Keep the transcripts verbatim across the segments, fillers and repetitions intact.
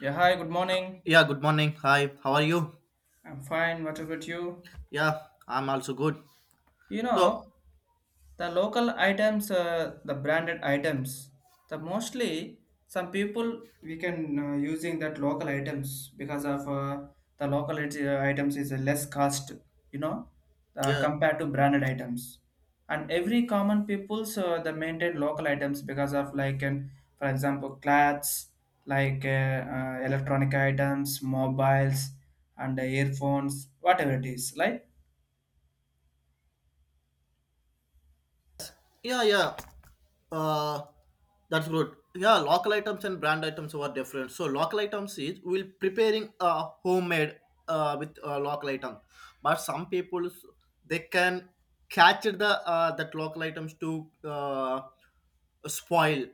Yeah, hi, good morning. Yeah, good morning. Hi, how are you? I'm fine. What about you? Yeah, I'm also good. You So, know, the local items, uh, the branded items, the mostly some people we can uh, using that local items because of uh, the local it- uh, items is a less cost, you know, uh, yeah, compared to branded items. And every common people's uh, the maintain local items because of like an, for example, clothes, like uh, uh, electronic items, mobiles, and uh, earphones, whatever it is, like. Yeah, yeah. Uh, that's good. Yeah, local items and brand items are different. So local items is we'll preparing uh, homemade uh, with uh, local item, but some people they can catch the uh, that local items to uh, spoil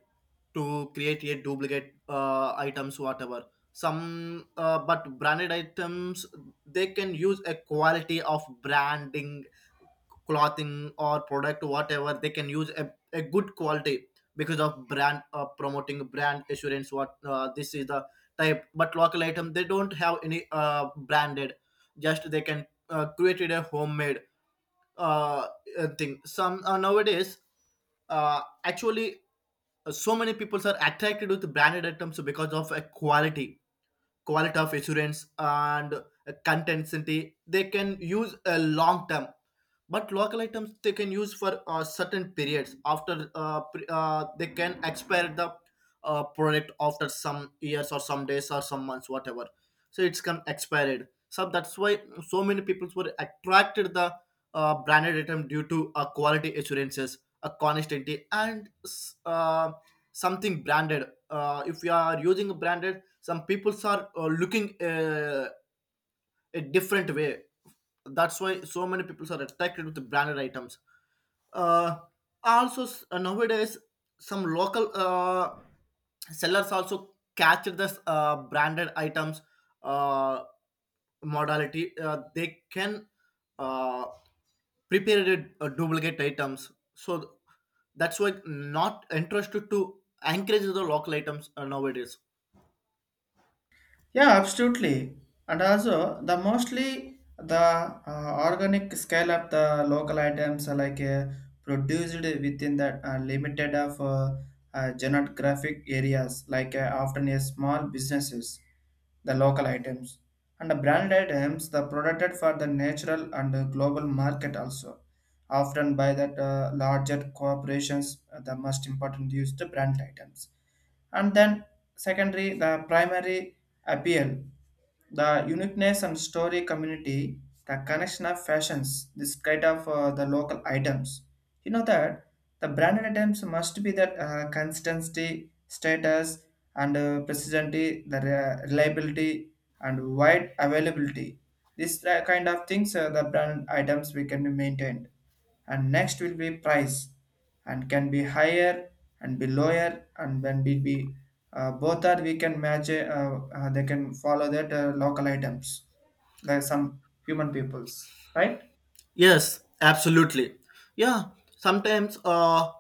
to create a duplicate uh, items whatever. Some uh, But branded items they can use a quality of branding clothing or product whatever they can use a, a good quality because of brand uh, promoting brand assurance what uh, this is the type, but local item they don't have any uh, branded, just they can uh, created a homemade uh, uh, thing. Some uh, Nowadays, uh, actually, uh, so many people are attracted with branded items because of a quality quality of assurance and uh, consistency. They can use a long term, but local items they can use for uh, certain periods. After uh, pre- uh, they can expire the uh, product after some years or some days or some months, whatever, so it's can expired, so that's why so many people were attracted the uh, branded item due to uh, quality assurances, a consistency, and s- uh, something branded. Uh, if you are using a branded, some people are uh, looking uh, a different way. That's why so many people are attracted with the branded items. Uh, also, s- uh, nowadays, some local uh, sellers also catch this uh, branded items uh, modality. Uh, they can uh, prepare it, uh, duplicate items. So that's why not interested to encourage the local items uh, nowadays. Yeah, absolutely. And also, the mostly the uh, organic scale of the local items are like uh, produced within the uh, limited of uh, uh, geographic areas, like uh, often a small businesses, the local items. And the brand items, the produced for the natural and uh, global market also, often by that uh, larger corporations, uh, the most important used brand items, and then secondary the primary appeal, the uniqueness and story community, the connection of fashions, this kind of uh, the local items. You know that the branded items must be that uh, consistency, status, and uh, precisency, the re- reliability, and wide availability. This uh, kind of things, uh, the brand items we can be maintained. And next will be price, and can be higher and be lower, and then will be uh, both are we can match uh, uh, they can follow that uh, local items. There are some human peoples, right? Yes, absolutely. Yeah, sometimes uh,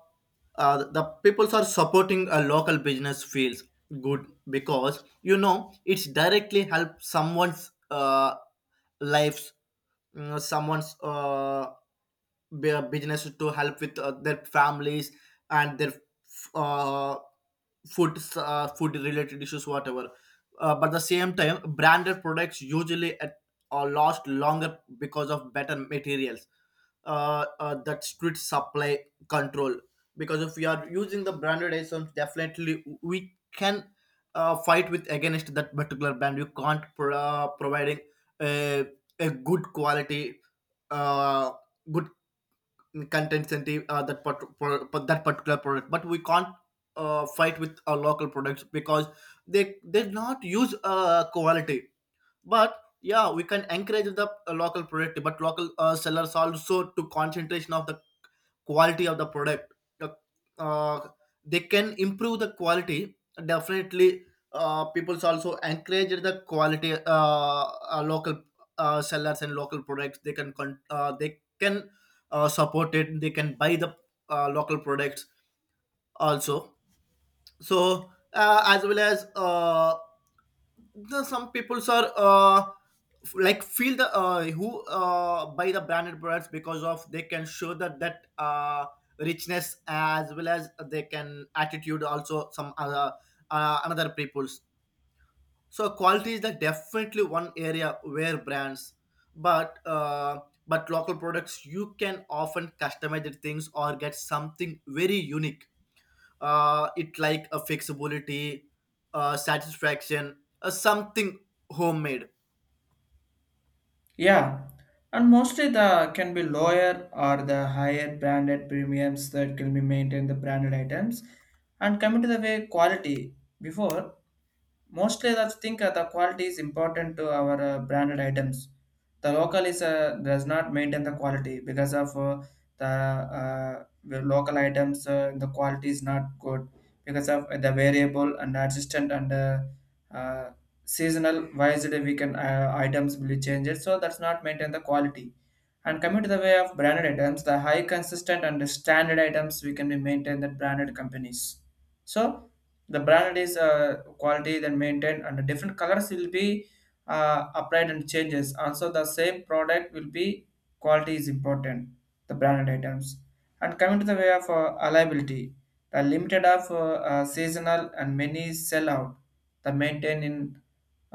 uh, the people are supporting a local business feels good because you know it's directly help someone's uh, lives, you someone's uh, bu- business to help with uh, their families and their uh, food uh, food related issues whatever. Uh, but at the same time, branded products usually or last longer because of better materials, uh, uh, that strict supply control, because if we are using the branded items, definitely we can uh, fight with against that particular brand. You can't pro- uh, providing a, a good quality uh, good content and uh, that part- pro- pro- that particular product, but we can't uh, fight with our local products because they they not use uh, quality. But yeah, we can encourage the uh, local product, but local uh, sellers also to concentration of the quality of the product. The, uh, they can improve the quality, definitely. Uh, people's also encourage the quality, uh, uh, local uh, sellers and local products. They can con- uh, they can uh, support it. They can buy the uh, local products also. So uh, as well as, uh, the, some peoples are uh, f- like feel the uh, who uh, buy the branded products because of they can show that that uh, richness, as well as they can attitude also some other uh, another peoples. So quality is the definitely one area where brands, but uh, but local products you can often customize the things or get something very unique. Uh, it like a flexibility, uh, satisfaction, uh, something homemade. Yeah, and mostly the can be lower or the higher branded premiums that can be maintained the branded items, and coming to the way quality before. Mostly, I think uh, the quality is important to our uh, branded items. The local is uh, does not maintain the quality because of uh, the, uh, the local items. Uh, the quality is not good because of the variable and adjustant and uh, uh, seasonal wise that we can uh, items will be changed. So that's not maintain the quality. And coming to the way of branded items, the high consistent and standard items we can be maintain that branded companies. So the branded is uh, quality then maintained and different colors will be uh, applied and changes also the same product will be quality is important the branded items, and coming to the way of uh, reliability, the limited of uh, uh, seasonal and many sell out the maintain in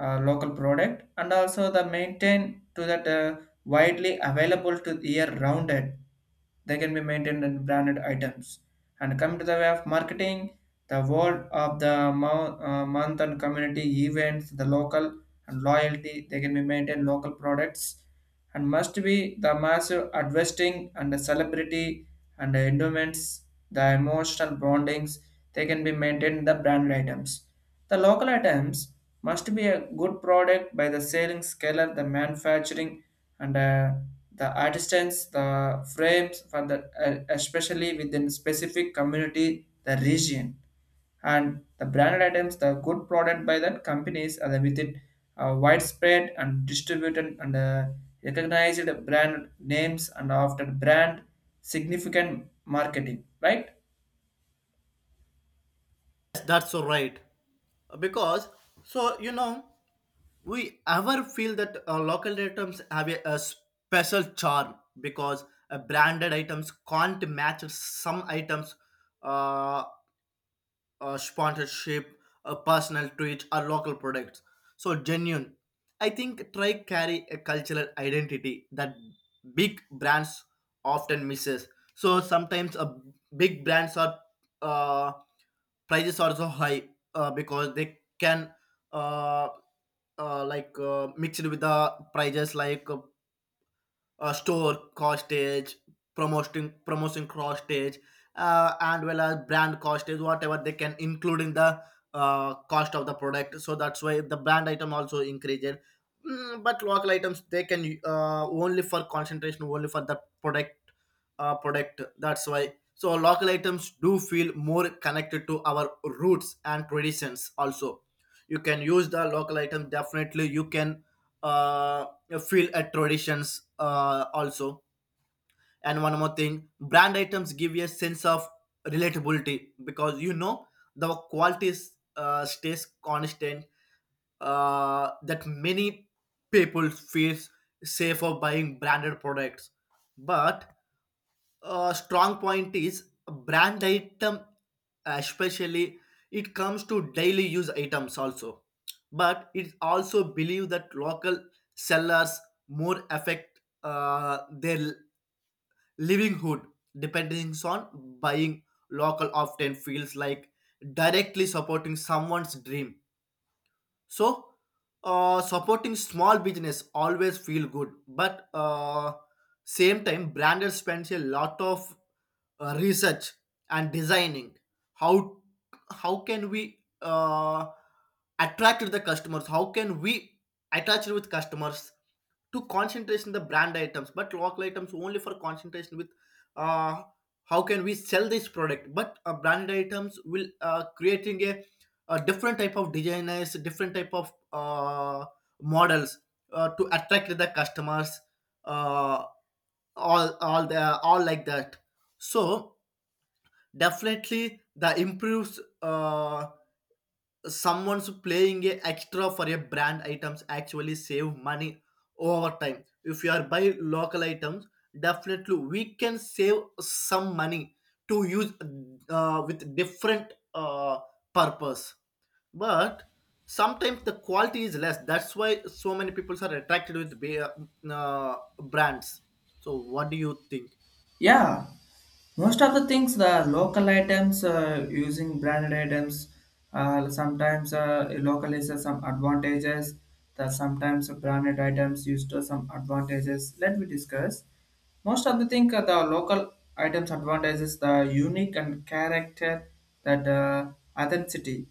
uh, local product, and also the maintain to that uh, widely available to year rounded they can be maintained in branded items, and coming to the way of marketing the word of the mo- uh, month and community events, the local and loyalty, they can be maintained local products, and must be the massive investing and the celebrity and the endowments, the emotional bondings, they can be maintained the brand items. The local items must be a good product by the selling scaler, the manufacturing and uh, the artisans, the frames for the uh, especially within specific community, the region, and the branded items the good product by that companies and then with it uh, widespread and distributed and uh, recognized brand names and after brand significant marketing, right? Yes, that's so right. Because, so you know, we ever feel that uh, local items have a, a special charm because uh, branded items can't match some items, uh, a sponsorship, a personal tweet, or local products. So genuine. I think try carry a cultural identity that big brands often misses. So sometimes a big brands are uh, prices are so high uh, because they can uh, uh, like uh, mixed with the prices like uh, uh, store costage, promoting promotion costage, uh, and well as brand costage, whatever they can include in the uh, cost of the product. So that's why the brand item also increases. Mm, but local items they can uh, only for concentration, only for the product uh, product. That's why. So local items do feel more connected to our roots and traditions. Also, you can use the local item. Definitely, you can uh, you feel at traditions uh, also. And one more thing, brand items give you a sense of relatability because you know the quality is, uh, stays constant, uh, that many people feel safe for buying branded products, but uh, strong point is brand item, especially it comes to daily use items also. But it also believe that local sellers more affect uh, their livelihood depending on buying local often feels like directly supporting someone's dream. So, uh, supporting small business always feel good, but uh, same time, branded spends a lot of uh, research and designing. How how can we uh, attract the customers? How can we attach with customers to concentration the brand items, but local items only for concentration with uh, how can we sell this product. But uh, brand items will uh, creating a, a different type of designers, different type of uh, models uh, to attract the customers, uh, all all the all like that. So definitely the improves uh, someone's playing a extra for a brand items actually save money over time. If you are buy local items, definitely we can save some money to use uh, with different uh, purpose. But sometimes the quality is less. That's why so many people are attracted with ba- uh, brands. So what do you think? Yeah, most of the things the local items uh, using branded items, uh, sometimes uh, local is uh, some advantages. The sometimes branded items used to some advantages, let me discuss. Most of the thing uh, the local items advantages the unique and character, that uh, authenticity,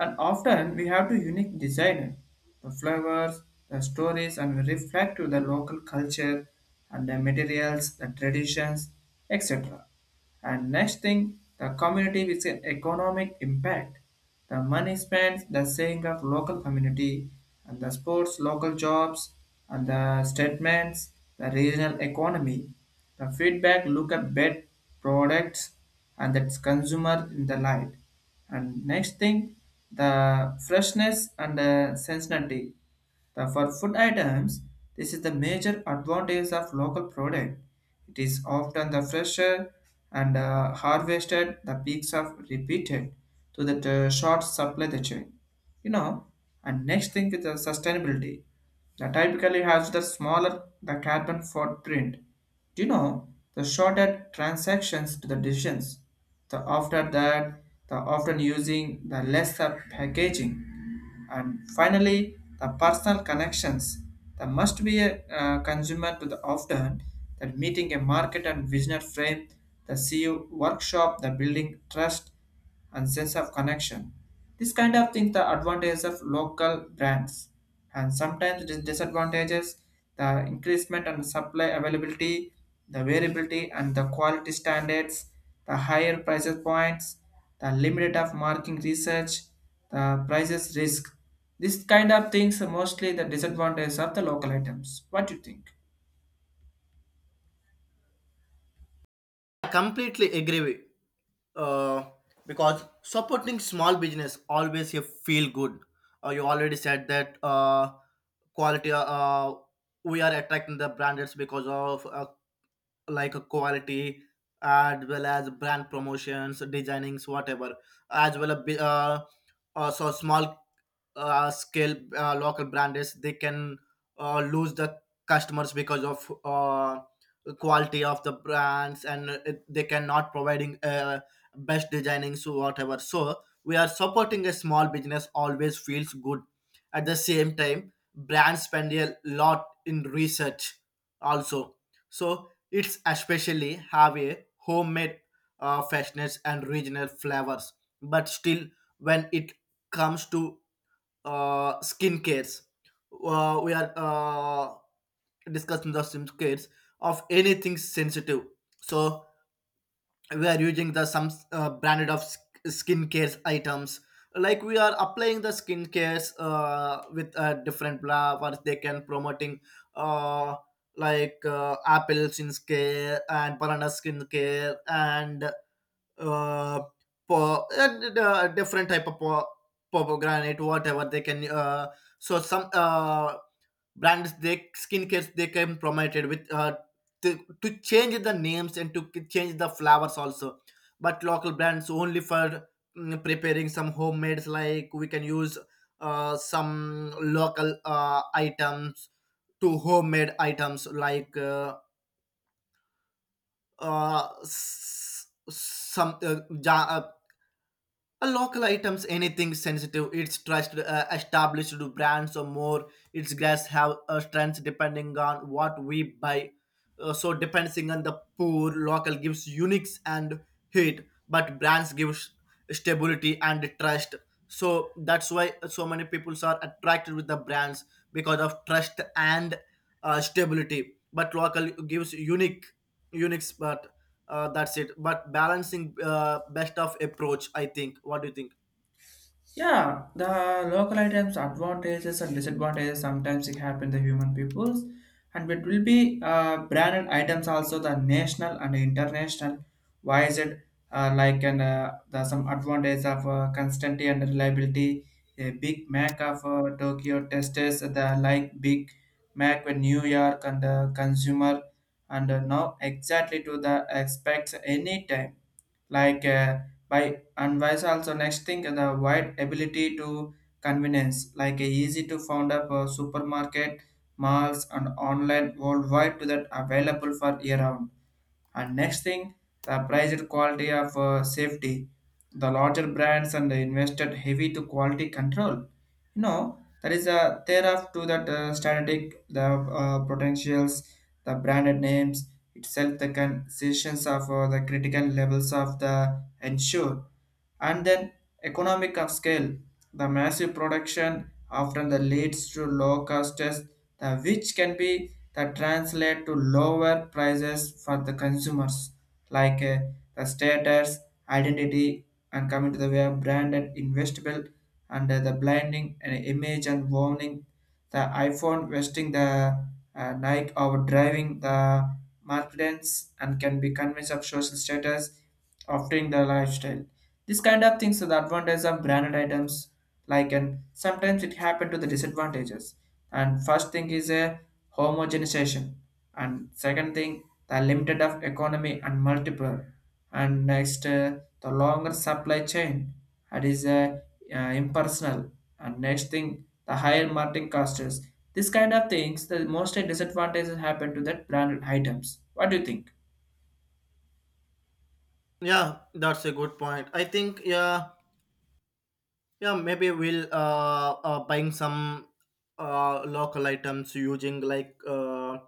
and often we have to unique design, the flowers, the stories, and we reflect to the local culture, and the materials, the traditions, et cetera. And next thing, the community with an economic impact. The money spent, the saying of local community, and the sports, local jobs, and the statements, the regional economy, the feedback, look at bed products, and that's consumer in the light. And next thing, the freshness and the sensitivity. The, for food items, this is the major advantage of local product. It is often the fresher and uh, harvested the peaks of repeated to that uh, short supply the chain. You know, and next thing is the sustainability. The typically has the smaller the carbon footprint, do you know the shorter transactions to the decisions? The after that, the often using the lesser packaging, and finally the personal connections. There must be a uh, consumer to the often that meeting a market and visionary frame, the C E O workshop, the building trust and sense of connection. This kind of thing the advantages of local brands, and sometimes the disadvantages the increasement and supply availability, the variability and the quality standards, the higher prices points, the limited of marking research, the prices risk. This kind of things are mostly the disadvantages of the local items. What do you think? I completely agree with, uh, because supporting small business always you feel good. Uh, you already said that uh, quality. Uh, uh, we are attracting the brands because of uh, like a quality as well as brand promotions, designings, whatever, as well as bi- uh, uh, so small uh, scale uh, local brands. They can uh, lose the customers because of uh, quality of the brands and it, they cannot providing uh, best designing so whatever. So we are supporting a small business always feels good. At the same time, brands spend a lot in research also. So it's especially have a homemade uh, freshness and regional flavors. But still, when it comes to uh, skin cares. Uh, we are uh, discussing the skin cares of anything sensitive. So we are using the some uh, branded of sk- skin cares items. Like we are applying the skin cares uh, with a different flowers. They can promoting uh, like uh, apple skin care and banana skin care and uh, po- and, uh, different type of po- pomegranate, whatever they can. Uh, so some uh, brands, they skincares they can promoted with uh, to, to change the names and to k- change the flowers also. But local brands only for, mm, preparing some homemades, like we can use uh, some local uh, items to homemade items like uh, uh, s- some uh, ja- uh, a local items, anything sensitive, its trust uh, established brands or more, its grass have uh, strengths depending on what we buy. Uh, so depending on the poor, local gives unique and hit, but brands gives stability and trust. So that's why so many people are attracted with the brands because of trust and uh, stability. But local gives unique, unique, but uh, that's it. But balancing uh, best of approach, I think. What do you think? Yeah, the local items, advantages and disadvantages sometimes it happen to human peoples, and it will be uh, branded items also the national and international. Why is it uh, like an uh, the some advantage of uh, constancy and reliability? A Big Mac of uh, Tokyo testers the like Big Mac with New York and the consumer, and uh, now exactly to the expects any time like uh, by and vice also next thing the wide ability to convenience like a easy to found up a supermarket malls and online worldwide to that available for year round, and next thing the priced quality of uh, safety the larger brands and the invested heavy to quality control, you know there is a thereof to that uh, static the uh, potentials the branded names itself the concessions of uh, the critical levels of the ensure, and then economic of scale. The massive production often the leads to low costs, the which can be the translate to lower prices for the consumers, like uh, the status, identity, and coming to the way of branded investable and uh, the blinding and image and warning. The iPhone wasting the uh, Nike or driving the marketings and can be convinced of social status, offering the lifestyle this kind of things are the advantage of branded items, like, and sometimes it happen to the disadvantages. And first thing is a homogenization, and second thing the limited of economy and multiple, and next uh, the longer supply chain. That is uh, uh, impersonal, and next thing the higher marketing costs. This kind of things the most disadvantages happen to that branded items. What do you think? Yeah, that's a good point, I think. Yeah, yeah, maybe we'll uh, uh buying some uh local items, using like uh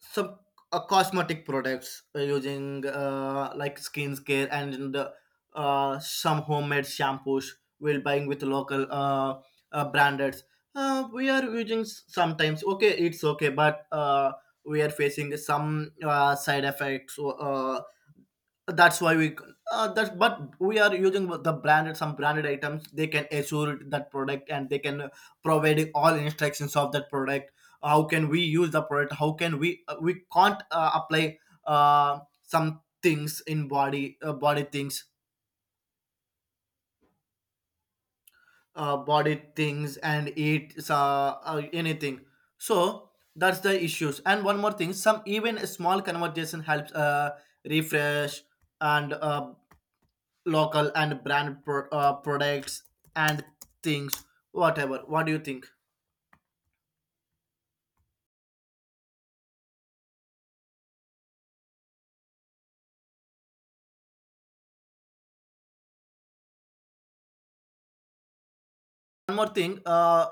some uh, cosmetic products, uh, using uh, like skincare and the, uh, some homemade shampoos we're buying with local uh, uh, branded. Uh, we are using s- sometimes okay, it's okay, but uh, we are facing some uh, side effects, uh, that's why we uh, that's but we are using the branded, some branded items. They can assure that product and they can provide all instructions of that product, how can we use the product, how can we uh, we can't uh, apply uh, some things in body uh, body things, uh, body things and eat uh, uh, anything. So that's the issues. And one more thing, some even a small conversation helps uh, refresh and uh, local and brand pro- uh, products and things whatever. What do you think? One more thing, uh,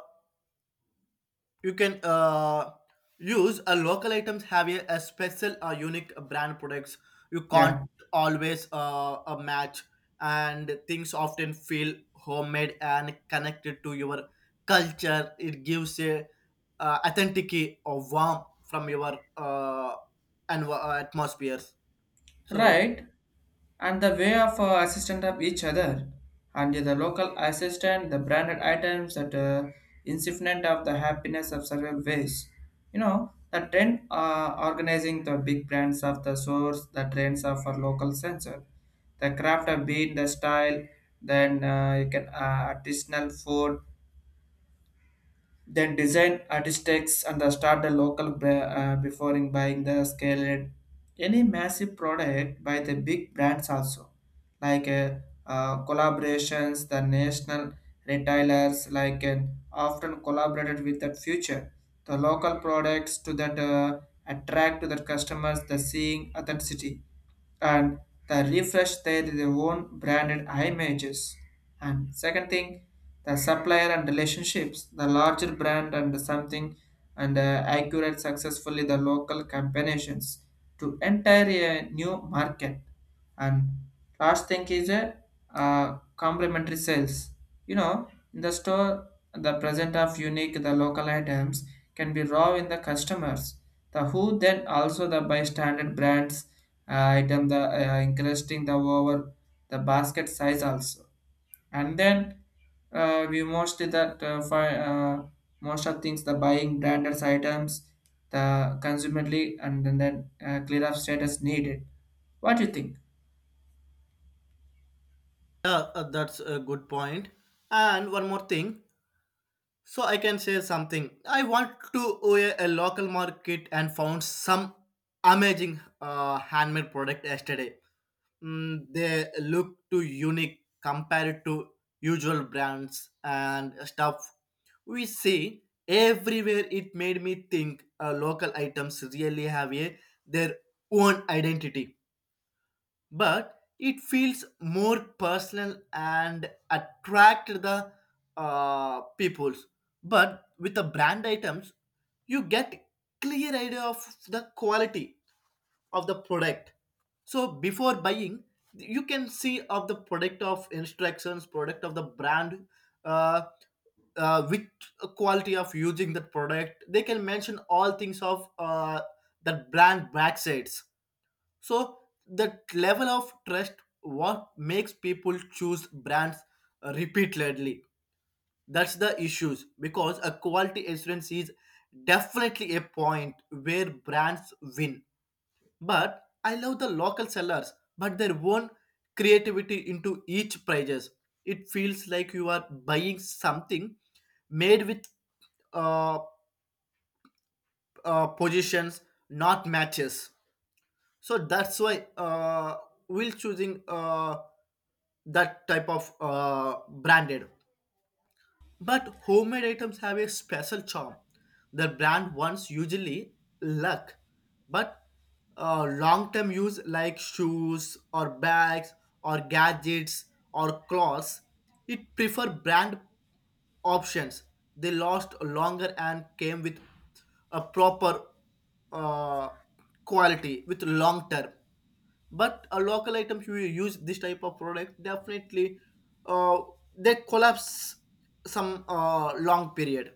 you can uh, use a local items have a, a special uh, unique brand products, you can't Yeah. always uh, a match, and things often feel homemade and connected to your culture. It gives a uh, authenticity or warmth from your uh, and atmospheres. So, Right, and the way of uh, assistant of each other, and the local assistant, the branded items that uh, insignificant of the happiness of several ways. You know, the trend uh, organizing the big brands of the source, the trends of our local sensor, the craft of being the style, then uh, you can uh, artisanal food, then design architects and uh, start the local bra- uh, before in buying the scaled any massive product by the big brands also, like uh, uh, collaborations the national retailers like and often collaborated with that future the local products to that uh, attract to that customers the seeing authenticity and the refresh their, their own branded images. And second thing, the supplier and relationships, the larger brand and something and uh, accurate successfully the local combinations to enter a new market. And last thing is a uh, complementary sales. You know, in the store, the present of unique the local items can be raw in the customers. The who then also the by standard brands uh, item the uh, increasing the over the basket size also, and then uh, we mostly that uh, fi- uh, most of things the buying branded items the consumably and then, then uh, clear up status needed. What do you think? yeah, uh, that's a good point. And one more thing. So I can say something. I want to go a, a local market and found some amazing uh, handmade product yesterday. Mm, they look too unique compared to usual brands and stuff we see everywhere. It made me think uh, local items really have a their own identity, but it feels more personal and attract the uh, peoples. But with the brand items you get clear idea of the quality of the product. So before buying you can see of the product of instructions product of the brand, uh, uh, with quality of using that product, they can mention all things of uh, that brand backsides. So that level of trust what makes people choose brands repeatedly. That's the issues because a quality assurance is definitely a point where brands win. But I love the local sellers, but their own creativity into each prices. It feels like you are buying something made with uh, uh, positions, not matches. So that's why uh, we'll choosing. Uh, that type of uh, branded. But homemade items have a special charm. The brand ones usually luck, but uh, long-term use like shoes or bags or gadgets or clothes, it prefer brand options. They last longer and came with a proper uh, quality with long term. But a local items you use this type of product, definitely uh, they collapse some uh, long period.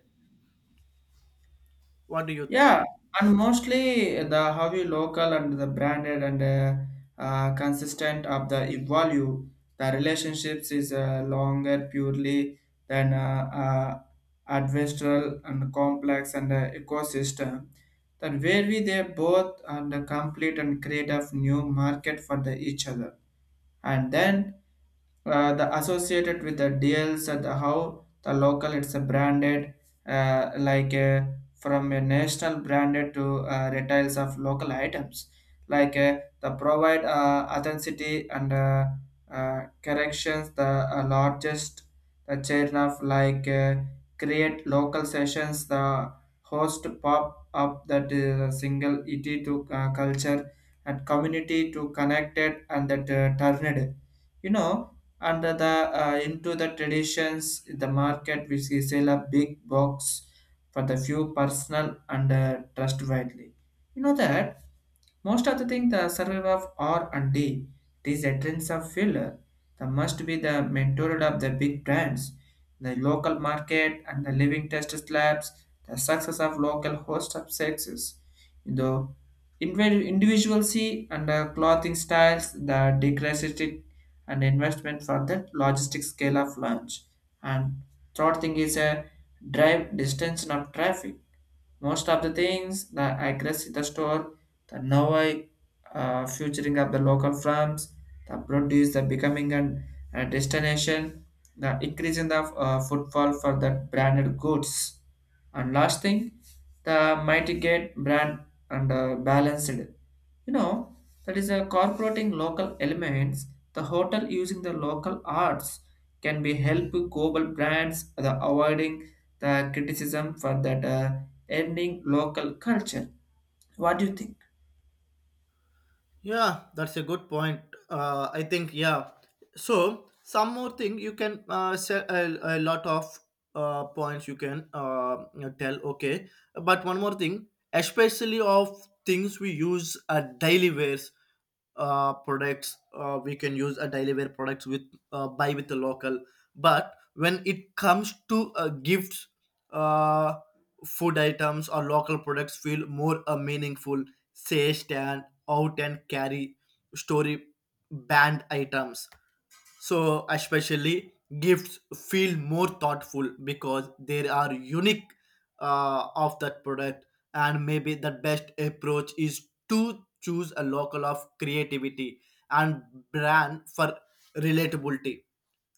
What do you think? Yeah, and mostly the how you local and the branded and uh, uh, consistent of the value, the relationships is uh, longer purely than uh, uh, adversarial and complex and uh, ecosystem. That where we they both and uh, complete and create a new market for the each other, and then uh, the associated with the deals at the how the local it's a branded, uh, like a from a national branded to uh, retails of local items, like uh, the provide uh, authenticity and uh, uh, corrections the uh, largest the chain of like uh, create local sessions the host pop up that is a single it to uh, culture and community to connected and that uh, turned, you know, under the uh, into the traditions the market which is sell a big box for the few personal and uh, trustworthy. You know that most of the thing the survival of R and D, these entrants of filler, the must be the mentor of the big brands, the local market and the living test labs, the success of local host of sexes, the individ- individuality and the clothing styles, the decorative and investment for the logistic scale of launch. And third thing is a drive distance of traffic most of the things that I guess in the store, the now I uh, featuring of the local farms, the produce, the becoming an, a destination, the increase in the uh, footfall for the branded goods. And last thing, the mitigate brand and uh, balanced. You know, that is a incorporating local elements. The hotel using the local arts can be help global brands the avoiding the criticism for that uh, ending local culture. What do you think? Yeah, that's a good point. Uh, I think, yeah. So some more thing you can uh, say, a, a lot of uh, points you can uh, you know, tell. Okay, but one more thing, especially of things we use at daily wears uh, products. Uh, we can use a daily wear products with uh, buy with the local. But when it comes to uh, gifts, uh, food items or local products feel more uh, meaningful, say stand out and carry story band items. So, especially gifts feel more thoughtful because they are unique uh, of that product, and maybe the best approach is to choose a local of creativity and brand for relatability.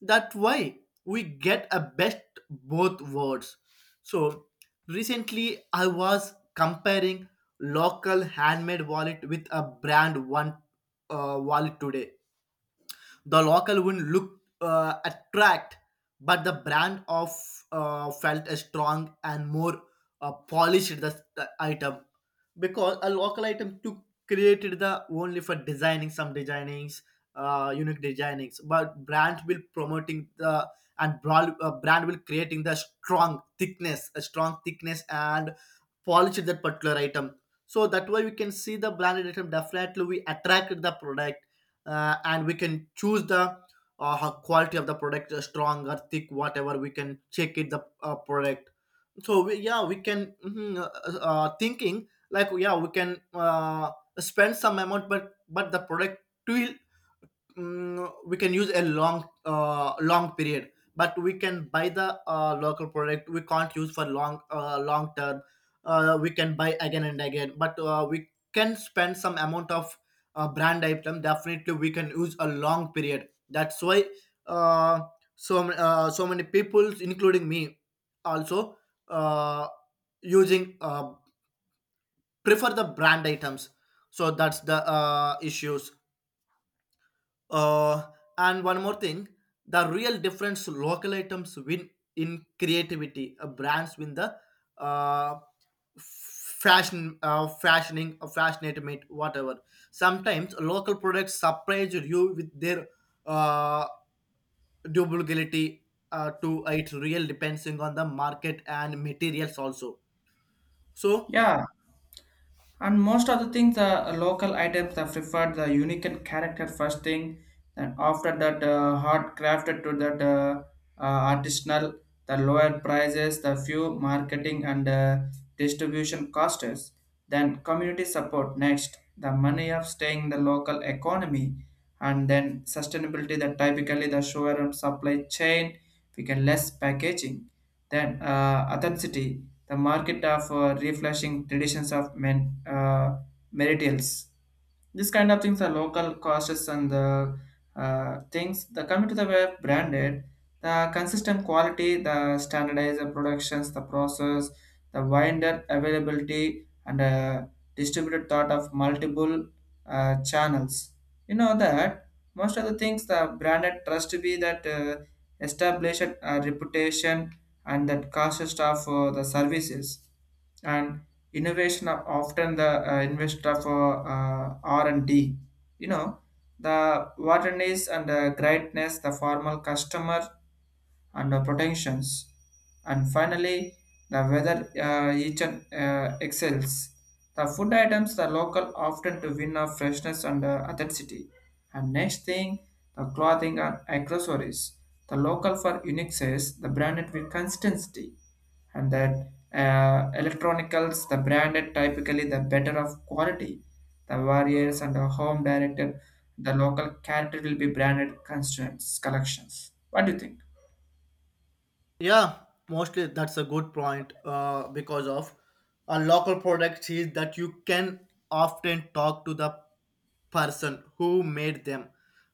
That way we get a best both worlds. So recently I was comparing local handmade wallet with a brand one uh, wallet today. The local wind looked uh, attract, but the brand of uh, felt a strong and more uh, polished the, the item, because a local item to created the only for designing some designings, uh, unique designings, but brand will promoting the and broad, uh, brand will creating the strong thickness, a strong thickness and polished that particular item. So that way we can see the branded item, definitely we attracted the product, uh, and we can choose the uh, quality of the product, uh, strong or thick, whatever we can check it the uh, product. So we, yeah, we can mhm, uh, uh, thinking like, yeah, we can uh, spend some amount, but but the product will mm, we can use a long uh, long period. But we can buy the uh, local product, we can't use for long uh, long term. Uh, we can buy again and again, but uh, we can spend some amount of uh, brand item, definitely we can use a long period. That's why uh, so uh, so many people including me also uh, using, uh, prefer the brand items. So that's the uh, issues. Uh, and one more thing, the real difference local items win in creativity. Uh, brands win the uh, fashion, uh, fashioning, uh, fashionate meat, whatever. Sometimes local products surprise you with their uh, durability uh, to it. Real depending on the market and materials also. So, Yeah, and most of the things, the local items are preferred the unique and character first thing. Then after that, uh, hard crafted to that uh, uh, artisanal, the lower prices, the few marketing and uh, distribution costs. Then community support next, the money of staying the local economy, and then sustainability. That typically the sugar and supply chain, we can less packaging. Then uh, authenticity the market of uh, refreshing traditions of men, uh, meritals. This kind of things are local costs and the uh, things. The coming to the web branded, the consistent quality, the standardized productions, the process, the winder availability, and uh, distributed thought of multiple uh, channels. You know that most of the things the branded trust to be that uh, established a reputation and that cost of uh, the services and innovation are often the uh, investor for uh, R and D, you know, the wilderness and the greatness the formal customer and the protections, and finally the weather uh, each and uh, excels the food items the local often to win of freshness and uh, authenticity, and next thing the clothing and accessories the local for unique says the branded with consistency, and that uh, electronicals the branded typically the better of quality the warriors and the home director the local character will be branded constraints collections. What do you think? yeah, mostly that's a good point uh, because of a local product is that you can often talk to the person who made them.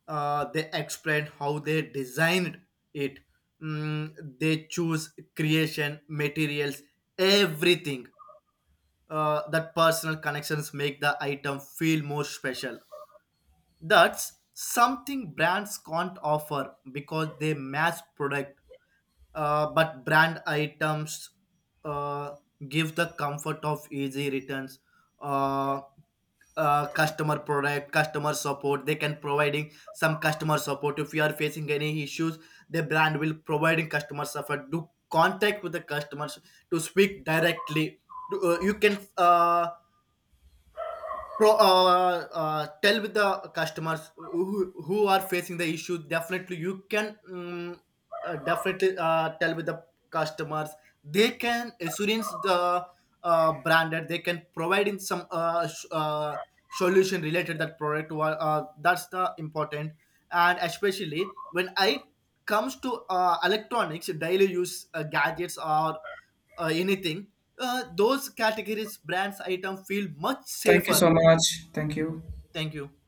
Uh, they explain how they designed it. Mm, they choose creation, materials, everything. Uh, that personal connections make the item feel more special. That's something brands can't offer because they mass product, uh, but brand items uh, give the comfort of easy returns. Uh, uh, customer product, customer support. They can providing some customer support if you are facing any issues. The brand will providing customer support. Do contact with the customers to speak directly. Do- uh, you can uh, pro, uh, uh, tell with the customers who, who are facing the issue, definitely you can um, uh, definitely uh, tell with the customers. They can assurance the uh, branded, they can provide in some uh, sh- uh, solution related that product wa- uh, that's the important. And especially when I comes to uh, electronics daily use uh, gadgets or uh, anything, uh, those categories brands item feel much Thank you safer. so much. Thank you. Thank you.